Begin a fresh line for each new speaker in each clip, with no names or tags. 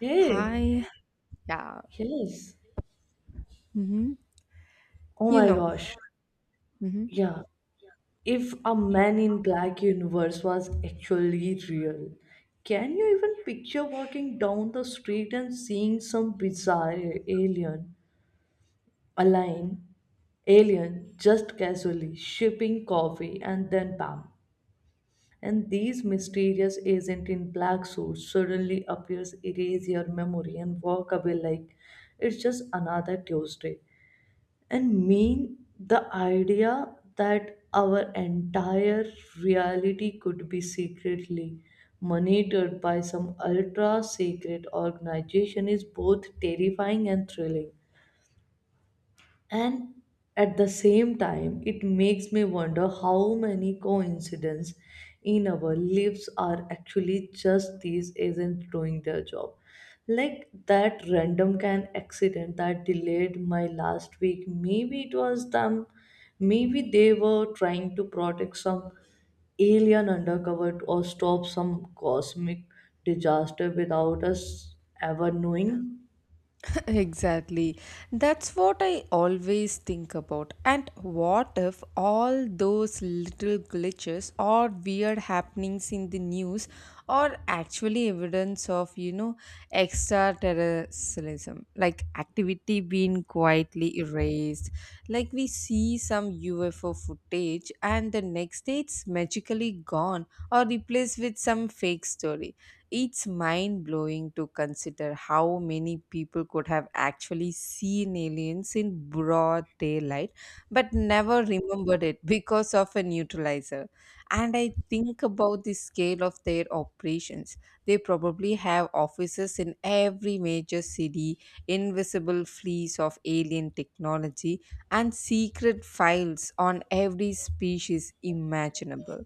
Hey,
Hi. Yeah.
yes.
Hmm.
Oh
You
my
know.
gosh.
Hmm.
Yeah. If a man in black universe was actually real, can you even picture walking down the street and seeing some bizarre alien, alien, alien just casually shipping coffee and then bam. And these mysterious agent in black suits suddenly appears, erase your memory and walk away like it's just another Tuesday. And mean the idea that our entire reality could be secretly monitored by some ultra secret organization is both terrifying and thrilling, and at the same time, it makes me wonder how many coincidences in our lives are actually just these agents doing their job. Like that random can accident that delayed my last week. Maybe it was them. Maybe they were trying to protect some alien undercover or stop some cosmic disaster without us ever knowing.
Exactly. That's what I always think about. And what if all those little glitches or weird happenings in the news are actually evidence of, extraterrestrialism, like activity being quietly erased? Like we see some UFO footage and the next day it's magically gone or replaced with some fake story. It's mind blowing to consider how many people could have actually seen aliens in broad daylight but never remembered it because of a neutralizer. And I think about the scale of their operations. They probably have offices in every major city, invisible fleets of alien technology, and secret files on every species imaginable.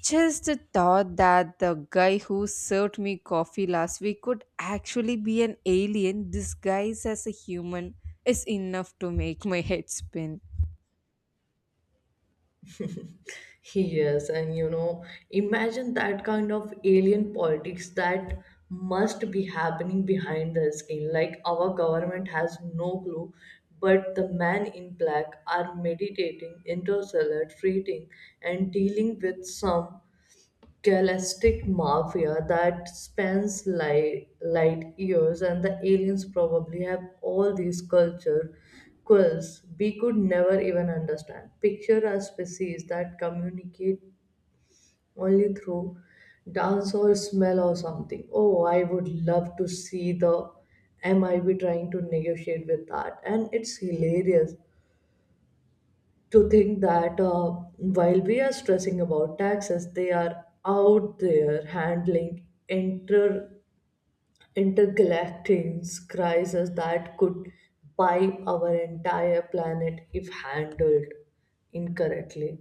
Just the thought that the guy who served me coffee last week could actually be an alien disguised as a human is enough to make my head spin.
He is, and you know, imagine that kind of alien politics that must be happening behind the scene. Like our government has no clue, but the man in black are meditating, interstellar trading, and dealing with some galactic mafia that spans light years, and the aliens probably have all these culture quirks we could never even understand. Picture a species that communicate only through dance or smell or something. Oh, I would love to see the MIB trying to negotiate with that, and it's hilarious to think that while we are stressing about taxes, they are out there handling intergalactic crises that could buy our entire planet if handled incorrectly.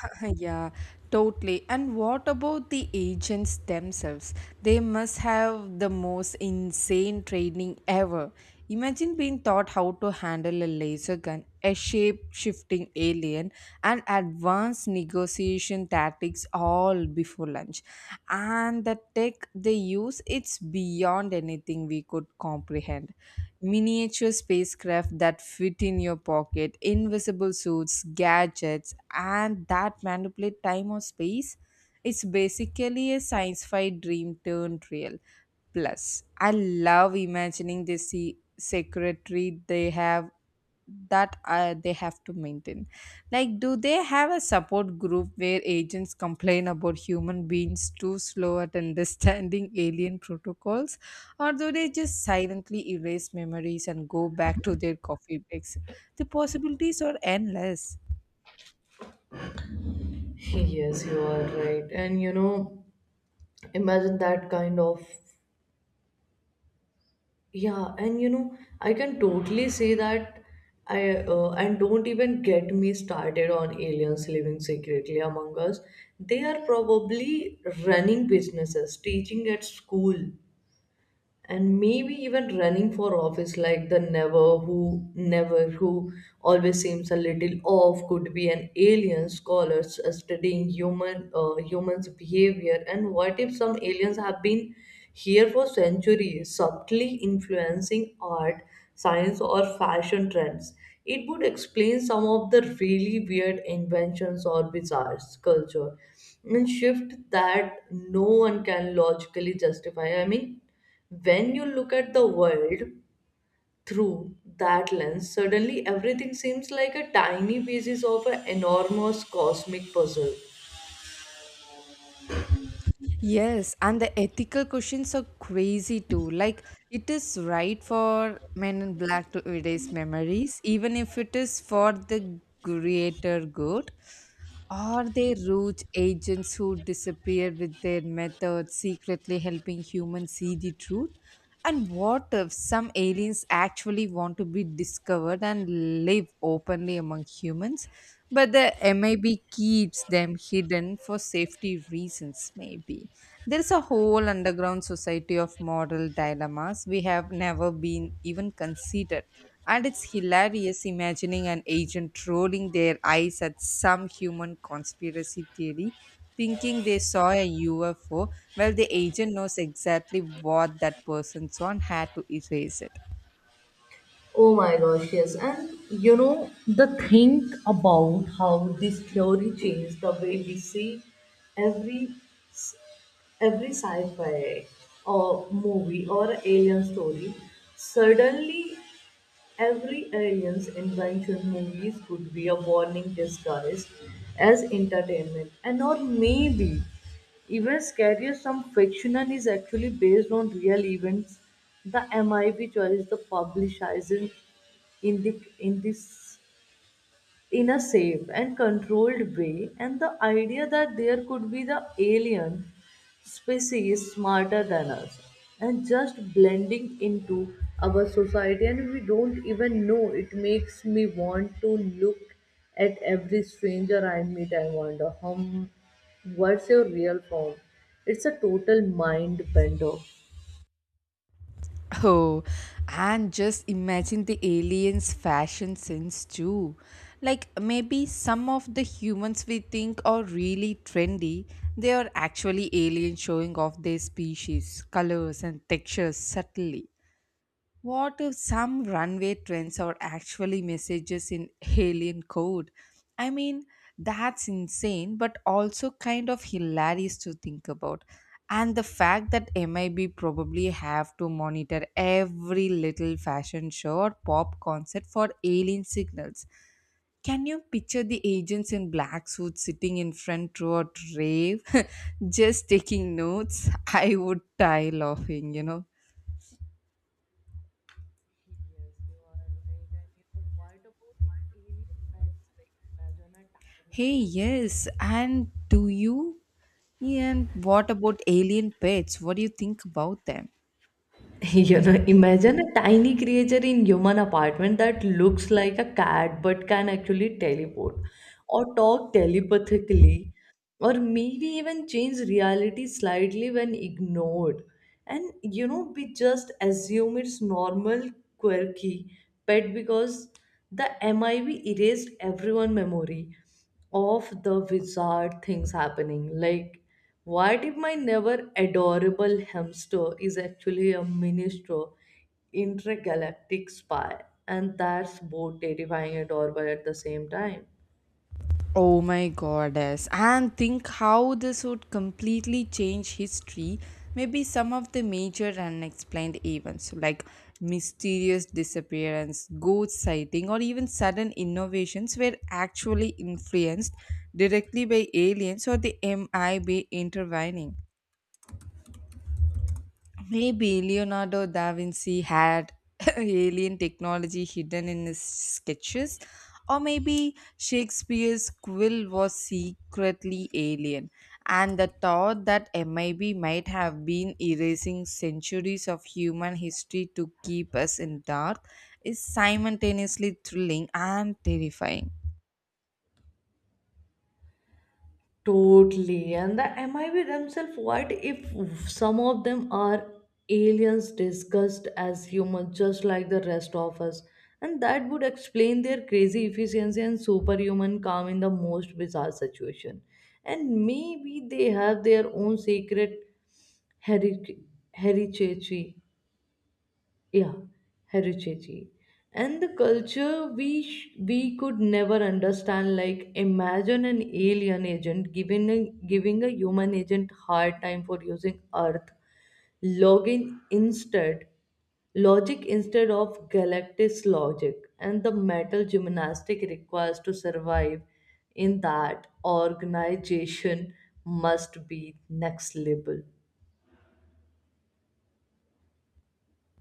Yeah, totally. And what about the agents themselves? They must have the most insane training ever. Imagine being taught how to handle a laser gun, a shape shifting alien, and advanced negotiation tactics all before lunch. And the tech they use, it's beyond anything we could comprehend. Miniature spacecraft that fit in your pocket, invisible suits, gadgets, and that manipulate time or space. It's basically a science fi dream turned real. Plus, I love imagining the secretary they have to maintain. Like, do they have a support group where agents complain about human beings too slow at understanding alien protocols? Or do they just silently erase memories and go back to their coffee breaks? The possibilities are endless.
Yes, you are right. And you know, imagine that kind of. Yeah, and you know, I can totally say that I and don't even get me started on aliens living secretly among us. They are probably running businesses, teaching at school, and maybe even running for office, like the never who always seems a little off, could be an alien scholar studying human humans behavior. And what if some aliens have been here for centuries subtly influencing art, science, or fashion trends? It would explain some of the really weird inventions or bizarre culture and shift that no one can logically justify. I mean, when you look at the world through that lens, suddenly everything seems like a tiny pieces of an enormous cosmic puzzle.
Yes, and the ethical questions are crazy too. Like, it is right for men in black to erase memories, even if it is for the greater good. Are they rogue agents who disappear with their methods, secretly helping humans see the truth? And what if some aliens actually want to be discovered and live openly among humans, but the MIB keeps them hidden for safety reasons, maybe? There's a whole underground society of moral dilemmas we have never been even considered. And it's hilarious imagining an agent rolling their eyes at some human conspiracy theory, thinking they saw a UFO, while the agent knows exactly what that person saw and had to erase it.
Oh my gosh, yes. And you know, the think about how this theory changed the way we see every every sci-fi or movie or alien story. Suddenly every alien's invention movies could be a warning disguised as entertainment, and or maybe even scarier, some fiction is actually based on real events. The MIB choice the publisher in this in a safe and controlled way, and the idea that there could be the alien species smarter than us and just blending into our society, and we don't even know it, makes me want to look at every stranger I meet and wonder, hum, what's your real form? It's a total mind bender.
Oh, and just imagine the aliens' fashion sense too. Like maybe some of the humans we think are really trendy, they are actually aliens showing off their species, colors, and textures subtly. What if some runway trends are actually messages in alien code? I mean, that's insane, but also kind of hilarious to think about. And the fact that MIB probably have to monitor every little fashion show or pop concert for alien signals. Can you picture the agents in black suits sitting in front row at rave, just taking notes? I would die laughing,
Yes, you are right. And you know, what about alien pets? Like, imagine a tiny
Hey,
creature.
yes. And do you? And what about alien pets? What do you think about them?
You know, imagine a tiny creature in human apartment that looks like a cat but can actually teleport or talk telepathically or maybe even change reality slightly when ignored. And you know, we just assume it's normal quirky pet because the MIV erased everyone memory of the bizarre things happening. Like, what if my never adorable hamster is actually a ministro intergalactic spy? And that's both terrifying and adorable at the same time.
Oh my goddess. And think how this would completely change history. Maybe some of the major unexplained events like mysterious disappearance, ghost sighting, or even sudden innovations were actually influenced directly by aliens or the MIB intervening. Maybe Leonardo da Vinci had alien technology hidden in his sketches, or maybe Shakespeare's quill was secretly alien, and the thought that MIB might have been erasing centuries of human history to keep us in dark is simultaneously thrilling and terrifying.
Totally. And the MIB themselves, what if some of them are aliens disguised as humans, just like the rest of us? And that would explain their crazy efficiency and superhuman calm in the most bizarre situation. And maybe they have their own secret heri- heritage. Yeah, heritage and the culture we could never understand. Like imagine an alien agent giving a human agent hard time for using earth login instead logic instead of galactic logic, and the mental gymnastic requires to survive in that organization must be next level.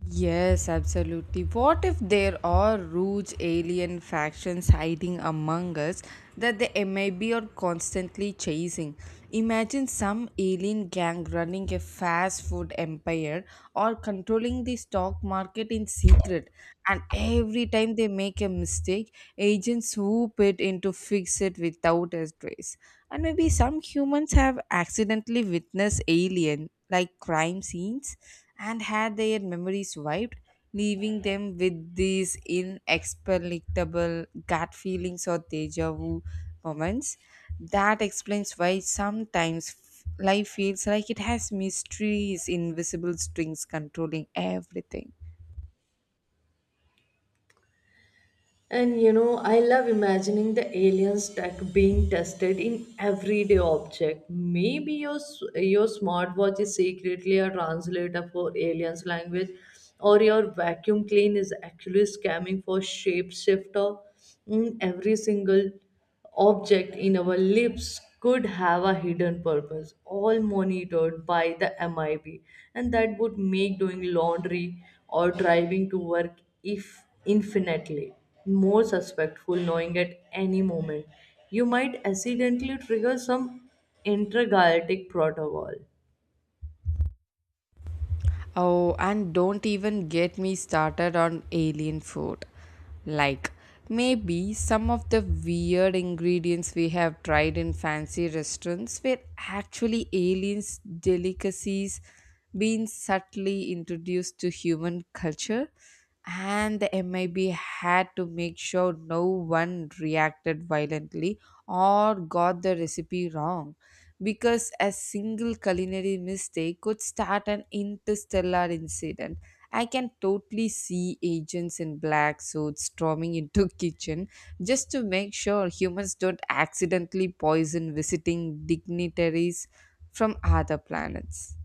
Yes, absolutely. What if there are rogue alien factions hiding among us that the MIB are constantly chasing? Imagine some alien gang running a fast food empire or controlling the stock market in secret, and every time they make a mistake, agents swoop it in to fix it without a trace. And maybe some humans have accidentally witnessed alien like crime scenes and had their memories wiped, leaving them with these inexplicable gut feelings or deja vu moments. That explains why sometimes life feels like it has mysteries, invisible strings controlling everything.
And you know, I love imagining the aliens tech being tested in everyday object. Maybe your smartwatch is secretly a translator for aliens language, or your vacuum clean is actually scamming for shapeshifter in every single object in our lips could have a hidden purpose, all monitored by the MIB, and that would make doing laundry or driving to work if infinitely more suspectful, knowing at any moment you might accidentally trigger some intergalactic protocol.
Oh, and don't even get me started on alien food. Like, maybe some of the weird ingredients we have tried in fancy restaurants were actually aliens' delicacies being subtly introduced to human culture, and the MIB had to make sure no one reacted violently or got the recipe wrong, because a single culinary mistake could start an interstellar incident. I can totally see agents in black suits storming into kitchen just to make sure humans don't accidentally poison visiting dignitaries from other planets.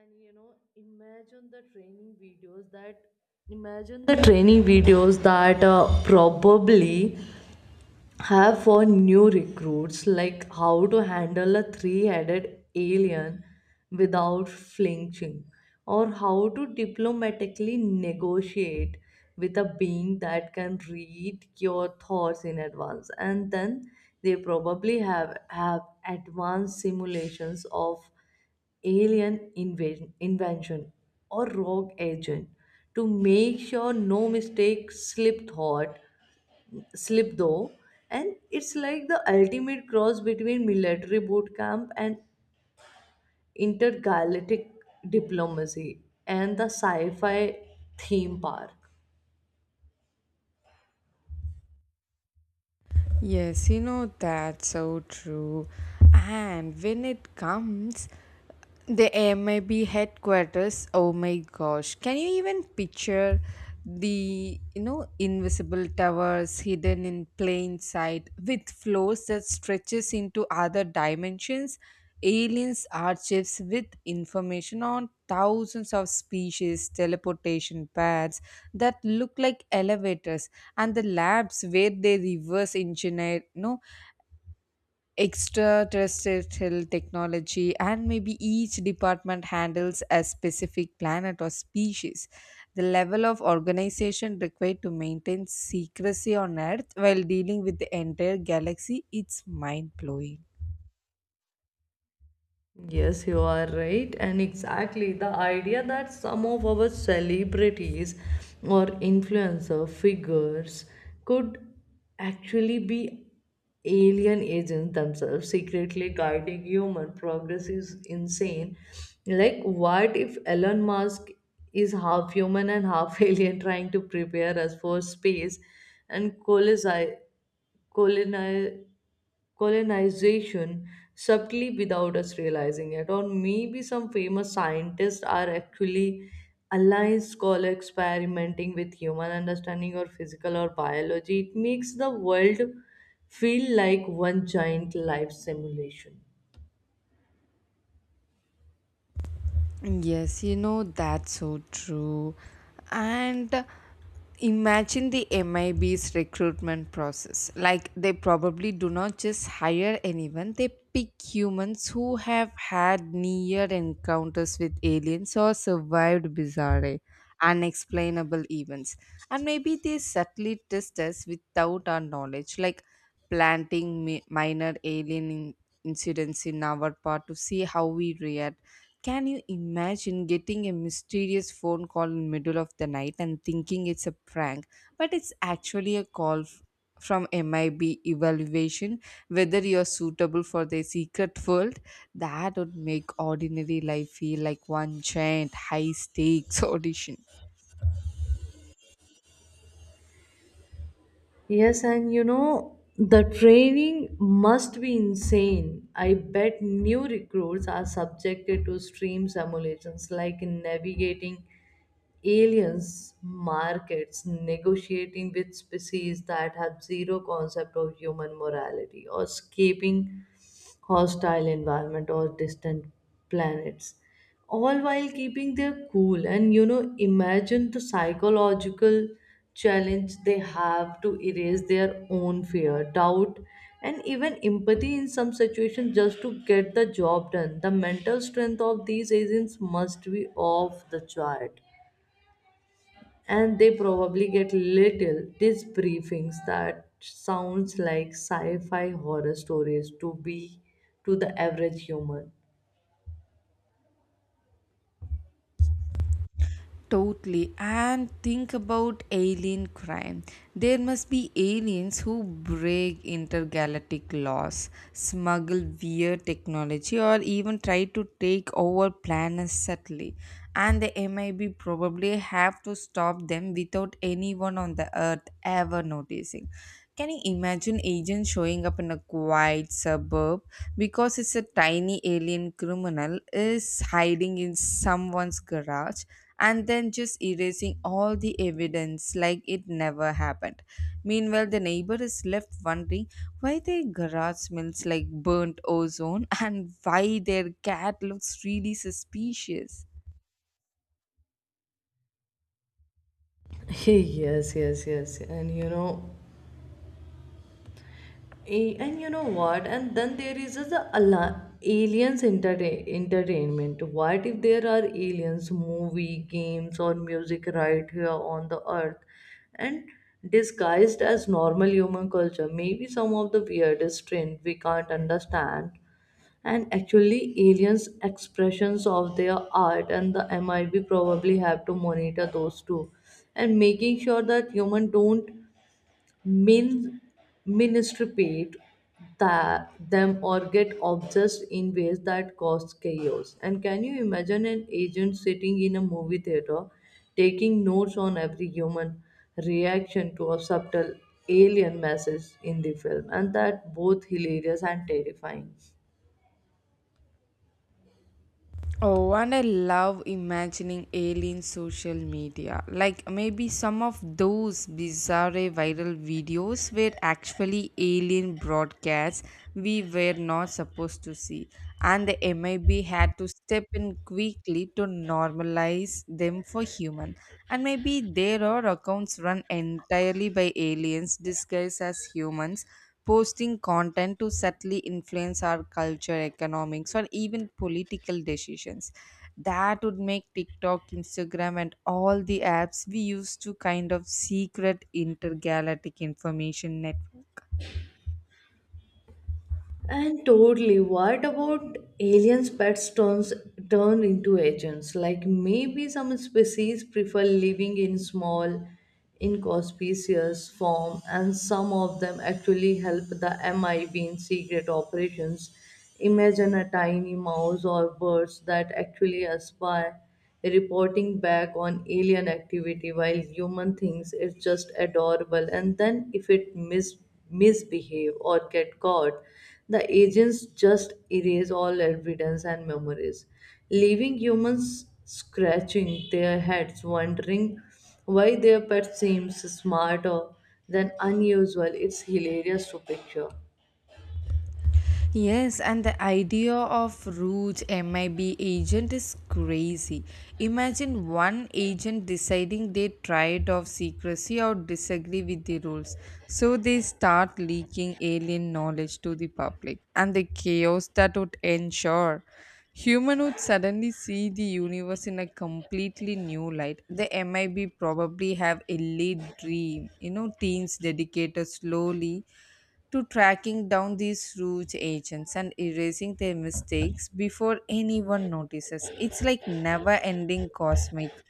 And you know, imagine the training videos that probably have for new recruits, like how to handle a three-headed alien without flinching or how to diplomatically negotiate with a being that can read your thoughts in advance. And then they probably have advanced simulations of alien invention or rogue agent to make sure no mistake slip though. And it's like the ultimate cross between military boot camp and intergalactic diplomacy and the sci-fi theme park.
Yes, that's so true. And when it comes the MIB headquarters. Oh my gosh. Can you even picture the, invisible towers hidden in plain sight with floors that stretches into other dimensions? Aliens archives with information on thousands of species, teleportation paths that look like elevators, and the labs where they reverse engineer, no, extraterrestrial technology. And maybe each department handles a specific planet or species. The level of organization required to maintain secrecy on earth while dealing with the entire galaxy, it's mind blowing.
Yes, you are right, and exactly the idea that some of our celebrities or influencer figures could actually be alien agents themselves, secretly guiding human progress, is insane. Like, what if Elon Musk is half human and half alien, trying to prepare us for space and colonize? Colonization subtly without us realizing it. Or maybe some famous scientists are actually aligned scholar experimenting with human understanding or physical or biology. It makes the world feel like one giant life simulation.
Yes, that's so true. And imagine the MIB's recruitment process. Like, they probably do not just hire anyone, they pick humans who have had near encounters with aliens or survived bizarre, unexplainable events. And maybe they subtly test us without our knowledge, like planting minor alien incidents in our part to see how we react. Can you imagine getting a mysterious phone call in middle of the night and thinking it's a prank, but it's actually a call from MIB evaluation whether you're suitable for their secret world? That would make ordinary life feel like one giant high stakes audition.
Yes, and you know, the training must be insane. I bet new recruits are subjected to extreme simulations, like navigating aliens markets, negotiating with species that have zero concept of human morality, or escaping hostile environment or distant planets, all while keeping their cool. And you know, imagine the psychological challenge. They have to erase their own fear, doubt, and even empathy in some situations just to get the job done. The mental strength of these agents must be off the chart, and they probably get little these briefings that sounds like sci-fi horror stories to be to the average human.
Totally. And think about alien crime. There must be aliens who break intergalactic laws, smuggle weird technology, or even try to take over planets subtly. And the MIB probably have to stop them without anyone on the Earth ever noticing. Can you imagine agents showing up in a quiet suburb because it's a tiny alien criminal is hiding in someone's garage? And then just erasing all the evidence like it never happened. Meanwhile, the neighbor is left wondering why their garage smells like burnt ozone and why their cat looks really suspicious.
Yes, and you know, and you know what, and then there is the aliens entertainment. What if there are aliens movie games or music right here on the earth and disguised as normal human culture? Maybe some of the weirdest trend we can't understand and actually aliens expressions of their art, and the MIB probably have to monitor those too, and making sure that human don't min misinterpret that them or get obsessed in ways that cause chaos. And can you imagine an agent sitting in a movie theater taking notes on every human reaction to a subtle alien message in the film? And that both hilarious and terrifying.
Oh, and I love imagining alien social media. Like maybe some of those bizarre viral videos were actually alien broadcasts we were not supposed to see, and the MIB had to step in quickly to normalize them for human. And maybe there are accounts run entirely by aliens disguised as humans posting content to subtly influence our culture, economics, or even political decisions. That would make TikTok, Instagram, and all the apps we use to kind of secret intergalactic information network.
And totally, what about aliens' pets turn into agents? Like maybe some species prefer living in small, inconspicuous form, and some of them actually help the MIB in secret operations. Imagine a tiny mouse or birds that actually aspire reporting back on alien activity while human thinks it's just adorable, and then if it misbehave or get caught, the agents just erase all evidence and memories, leaving humans scratching their heads wondering why their pet seems smarter than unusual. It's hilarious to picture.
Yes, and the idea of rogue MIB agent is crazy. Imagine one agent deciding they tried of secrecy or disagree with the rules. So they start leaking alien knowledge to the public and the chaos that would ensure. Human would suddenly see the universe in a completely new light. The MIB probably have elite dream, teams dedicated slowly to tracking down these rogue agents and erasing their mistakes before anyone notices. It's like never ending cosmic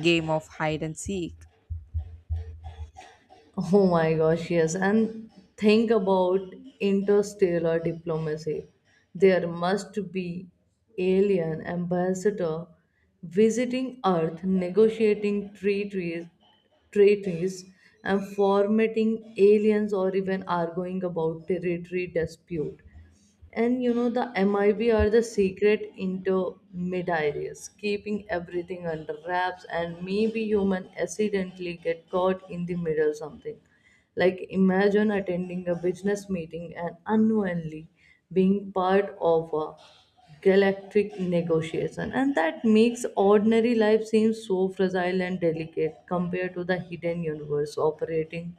game of hide and seek.
Oh my gosh, yes. And think about interstellar diplomacy. There must be alien ambassador visiting Earth, negotiating treaties and formatting aliens, or even arguing about territory dispute. And you know, the MIB are the secret intermediaries, keeping everything under wraps, and maybe human accidentally get caught in the middle something. Like imagine attending a business meeting and unknowingly being part of a galactic negotiation, and that makes ordinary life seem so fragile and delicate compared to the hidden universe operating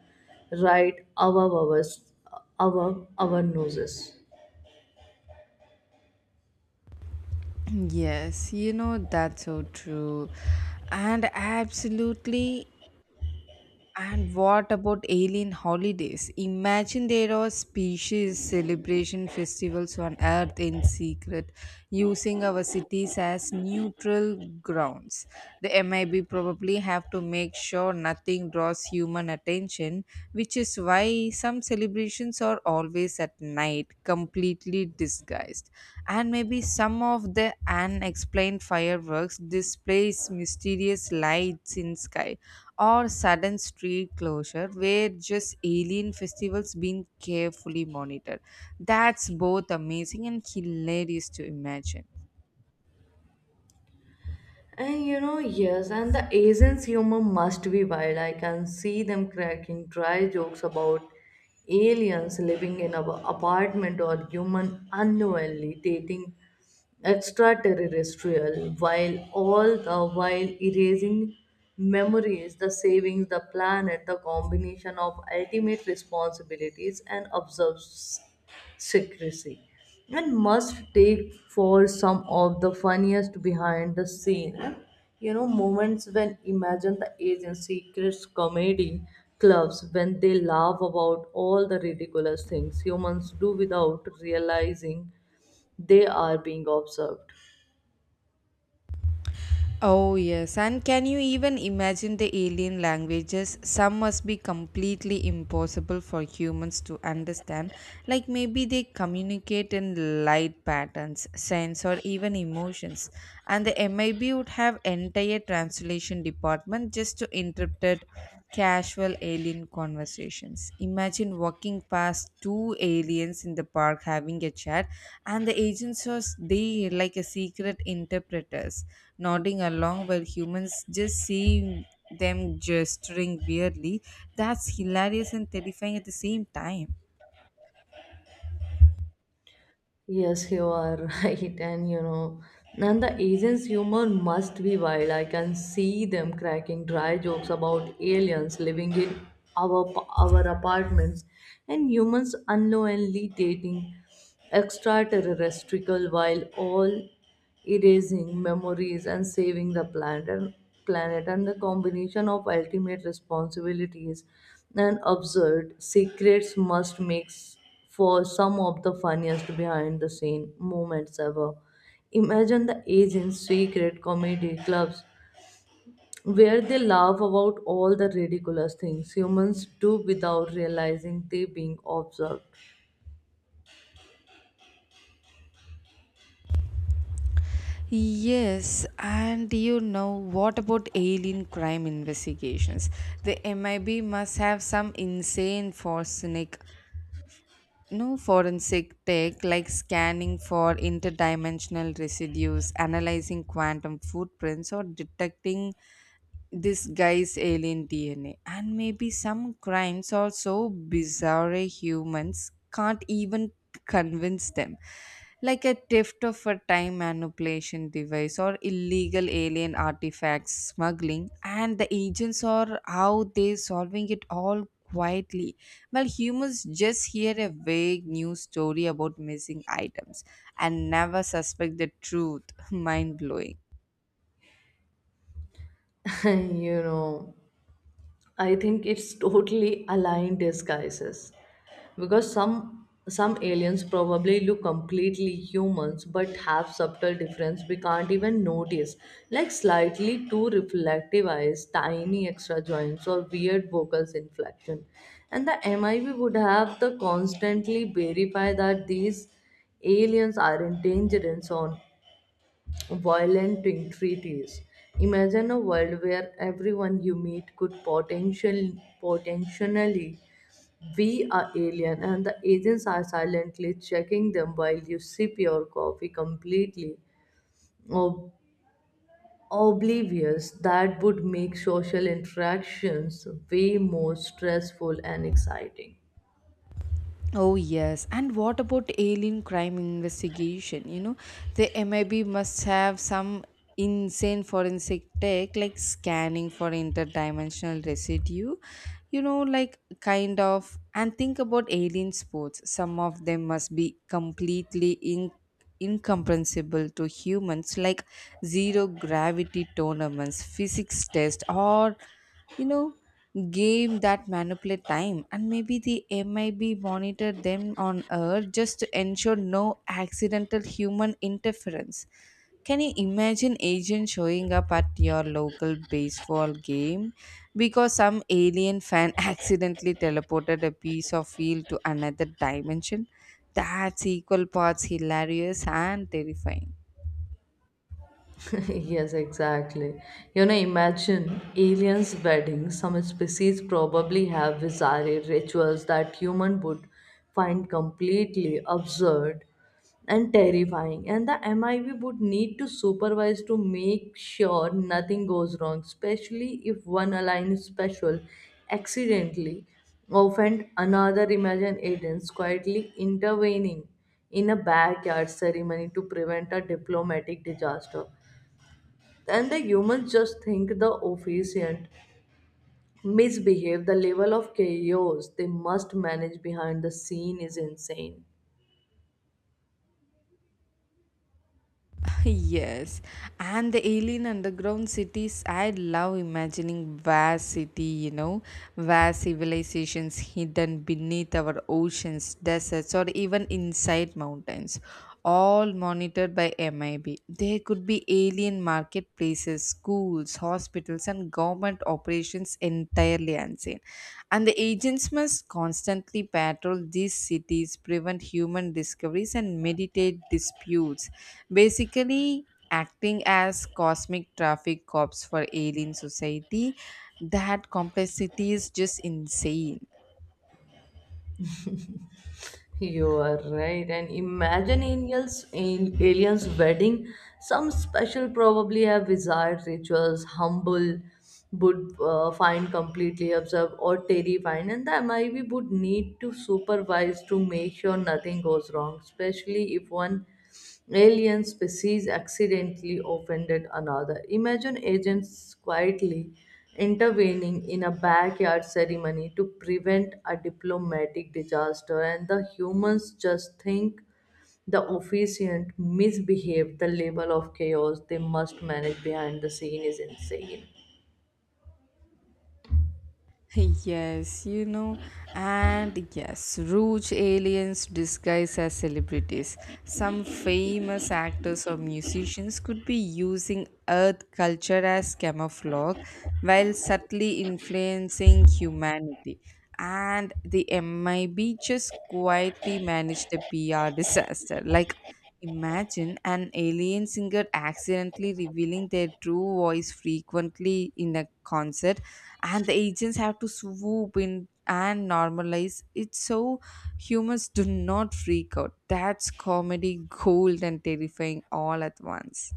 right above us, above our noses.
Yes, that's so true. And absolutely, and what about alien holidays? Imagine there are species celebration festivals on Earth in secret, using our cities as neutral grounds. The MIB probably have to make sure nothing draws human attention, which is why some celebrations are always at night, completely disguised. And maybe some of the unexplained fireworks displays mysterious lights in sky or sudden street closure where just alien festivals being carefully monitored. That's both amazing and hilarious to imagine.
And you know, yes, and the Asians' humor must be wild. I can see them cracking dry jokes about aliens living in an apartment or human unknowingly dating extraterrestrial while all the while erasing memories, the savings the planet, the combination of ultimate responsibilities and observes secrecy, and must take for some of the funniest behind the scene, you know, moments when imagine the Asian secrets comedy clubs when they laugh about all the ridiculous things humans do without realizing they are being observed.
Oh, yes. And can you even imagine the alien languages? Some must be completely impossible for humans to understand. Like maybe they communicate in light patterns, sense, or even emotions. And the MIB would have entire translation department just to interpret casual alien conversations. Imagine walking past two aliens in the park having a chat, and the agents are there like a secret interpreters, nodding along while humans just see them gesturing weirdly. That's hilarious and terrifying at the same time.
Yes, you are right, and you know, and the agent's humor must be wild. I can see them cracking dry jokes about aliens living in our our apartments and humans unknowingly dating extraterrestrial while all erasing memories and saving the planet, and the combination of ultimate responsibilities and absurd secrets must make for some of the funniest behind the scene moments ever. Imagine the agents' secret comedy clubs where they laugh about all the ridiculous things humans do without realizing they being observed.
Yes, and you know what about alien crime investigations? The MIB must have some insane, forensic. No, forensic tech like scanning for interdimensional residues, analyzing quantum footprints, or detecting this guy's alien DNA. And maybe some crimes are so bizarre humans can't even convince them. Like a theft of a time manipulation device or illegal alien artifacts smuggling, and the agents are how they solving it all quietly. While humans just hear a vague news story about missing items and never suspect the truth. Mind blowing.
You know, I think it's totally aligned disguises. Because some aliens probably look completely humans but have subtle difference we can't even notice, like slightly too reflective eyes, tiny extra joints, or weird vocal inflection, and the MIB would have to constantly verify that these aliens aren't dangerous on violent treaties. Imagine a world where everyone you meet could potentially we are alien, and the agents are silently checking them while you sip your coffee completely ob- oblivious. That would make social interactions way more stressful and exciting.
Oh, yes. And what about alien crime investigation? The MIB must have some insane forensic tech like scanning for interdimensional residue, like kind of. And think about alien sports. Some of them must be completely incomprehensible to humans, like zero gravity tournaments, physics test, or you know game that manipulate time. And maybe the MIB monitor them on earth just to ensure no accidental human interference. Can you imagine agent showing up at your local baseball game because some alien fan accidentally teleported a piece of field to another dimension? That's equal parts hilarious and terrifying.
Yes, exactly. You know, imagine aliens' weddings. Some species probably have bizarre rituals that human would find completely absurd and terrifying, and the MIV would need to supervise to make sure nothing goes wrong, especially if one align special accidentally offend another. Imagine aliens quietly intervening in a backyard ceremony to prevent a diplomatic disaster. And the humans just think the officiant misbehave. The level of chaos they must manage behind the scene is insane.
Yes, and the alien underground cities. I love imagining vast vast civilizations hidden beneath our oceans, deserts, or even inside mountains, all monitored by MIB. There could be alien marketplaces, schools, hospitals, and government operations entirely unseen. And the agents must constantly patrol these cities, prevent human discoveries, and mediate disputes basically acting as cosmic traffic cops for alien society. That complexity is just insane.
You are right. And imagine aliens in aliens' wedding. Some special probably have desired rituals, humble would find completely observed or terrifying, and the MIV would need to supervise to make sure nothing goes wrong, especially if one alien species accidentally offended another. Imagine agents quietly intervening in a backyard ceremony to prevent a diplomatic disaster, and the humans just think the officiant misbehaved. The level of chaos they must manage behind the scene is insane.
Yes, and yes, roach aliens disguised as celebrities. Some famous actors or musicians could be using Earth culture as camouflage while subtly influencing humanity. And the MIB just quietly managed the PR disaster. Like, imagine an alien singer accidentally revealing their true voice frequently in a concert, and the agents have to swoop in and normalize it so humans do not freak out. That's comedy gold and terrifying all at once.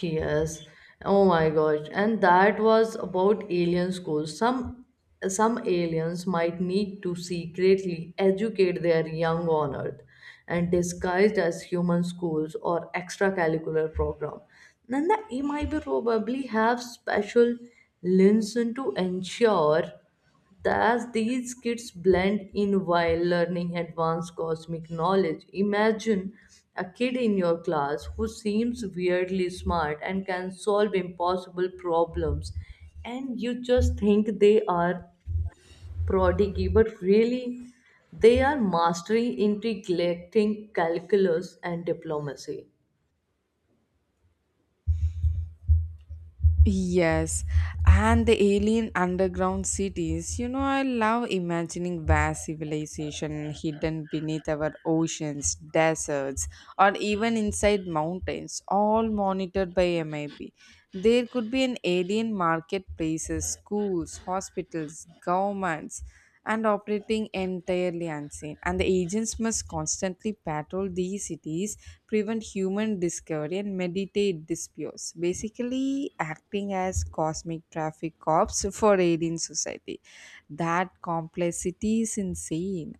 Yes. Oh my gosh. And that was about alien schools. Some aliens might need to secretly educate their young on Earth and disguised as human schools or extracurricular program. Then the MIB probably have special lenses to ensure thus, these kids blend in while learning advanced cosmic knowledge. Imagine a kid in your class who seems weirdly smart and can solve impossible problems, and you just think they are prodigy, but really they are mastering integrating calculus and diplomacy.
Yes, and the alien underground cities. I love imagining vast civilization hidden beneath our oceans, deserts, or even inside mountains, all monitored by MIP. There could be an alien marketplaces, schools, hospitals, governments, and operating entirely unseen. And the agents must constantly patrol these cities, prevent human discovery, and meditate disputes, basically acting as cosmic traffic cops for alien society. That complexity is insane.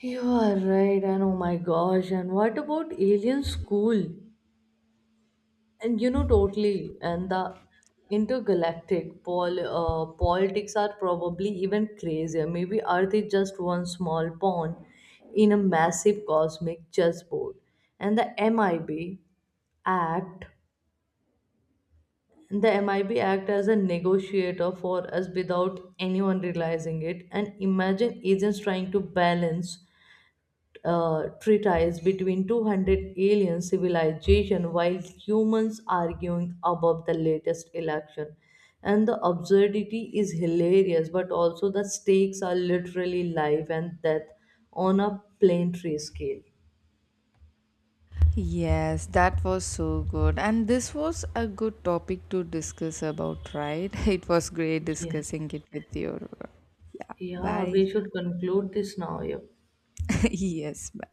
You are right, and oh my gosh, and what about alien school? And you know, totally. And the intergalactic politics are probably even crazier. Maybe Earth is just one small pawn in a massive cosmic chessboard. And the MIB Act, the MIB Act as a negotiator for us without anyone realizing it. And imagine agents trying to balance treatise between 200 alien civilization while humans arguing about the latest election, and the absurdity is hilarious, but also the stakes are literally life and death on a planetary scale.
Yes, that was so good. And this was a good topic to discuss about, right? It was great
Yeah.
discussing it with you. Yeah,
Yeah,
bye.
we should conclude this now. Yep.
Yes, bye.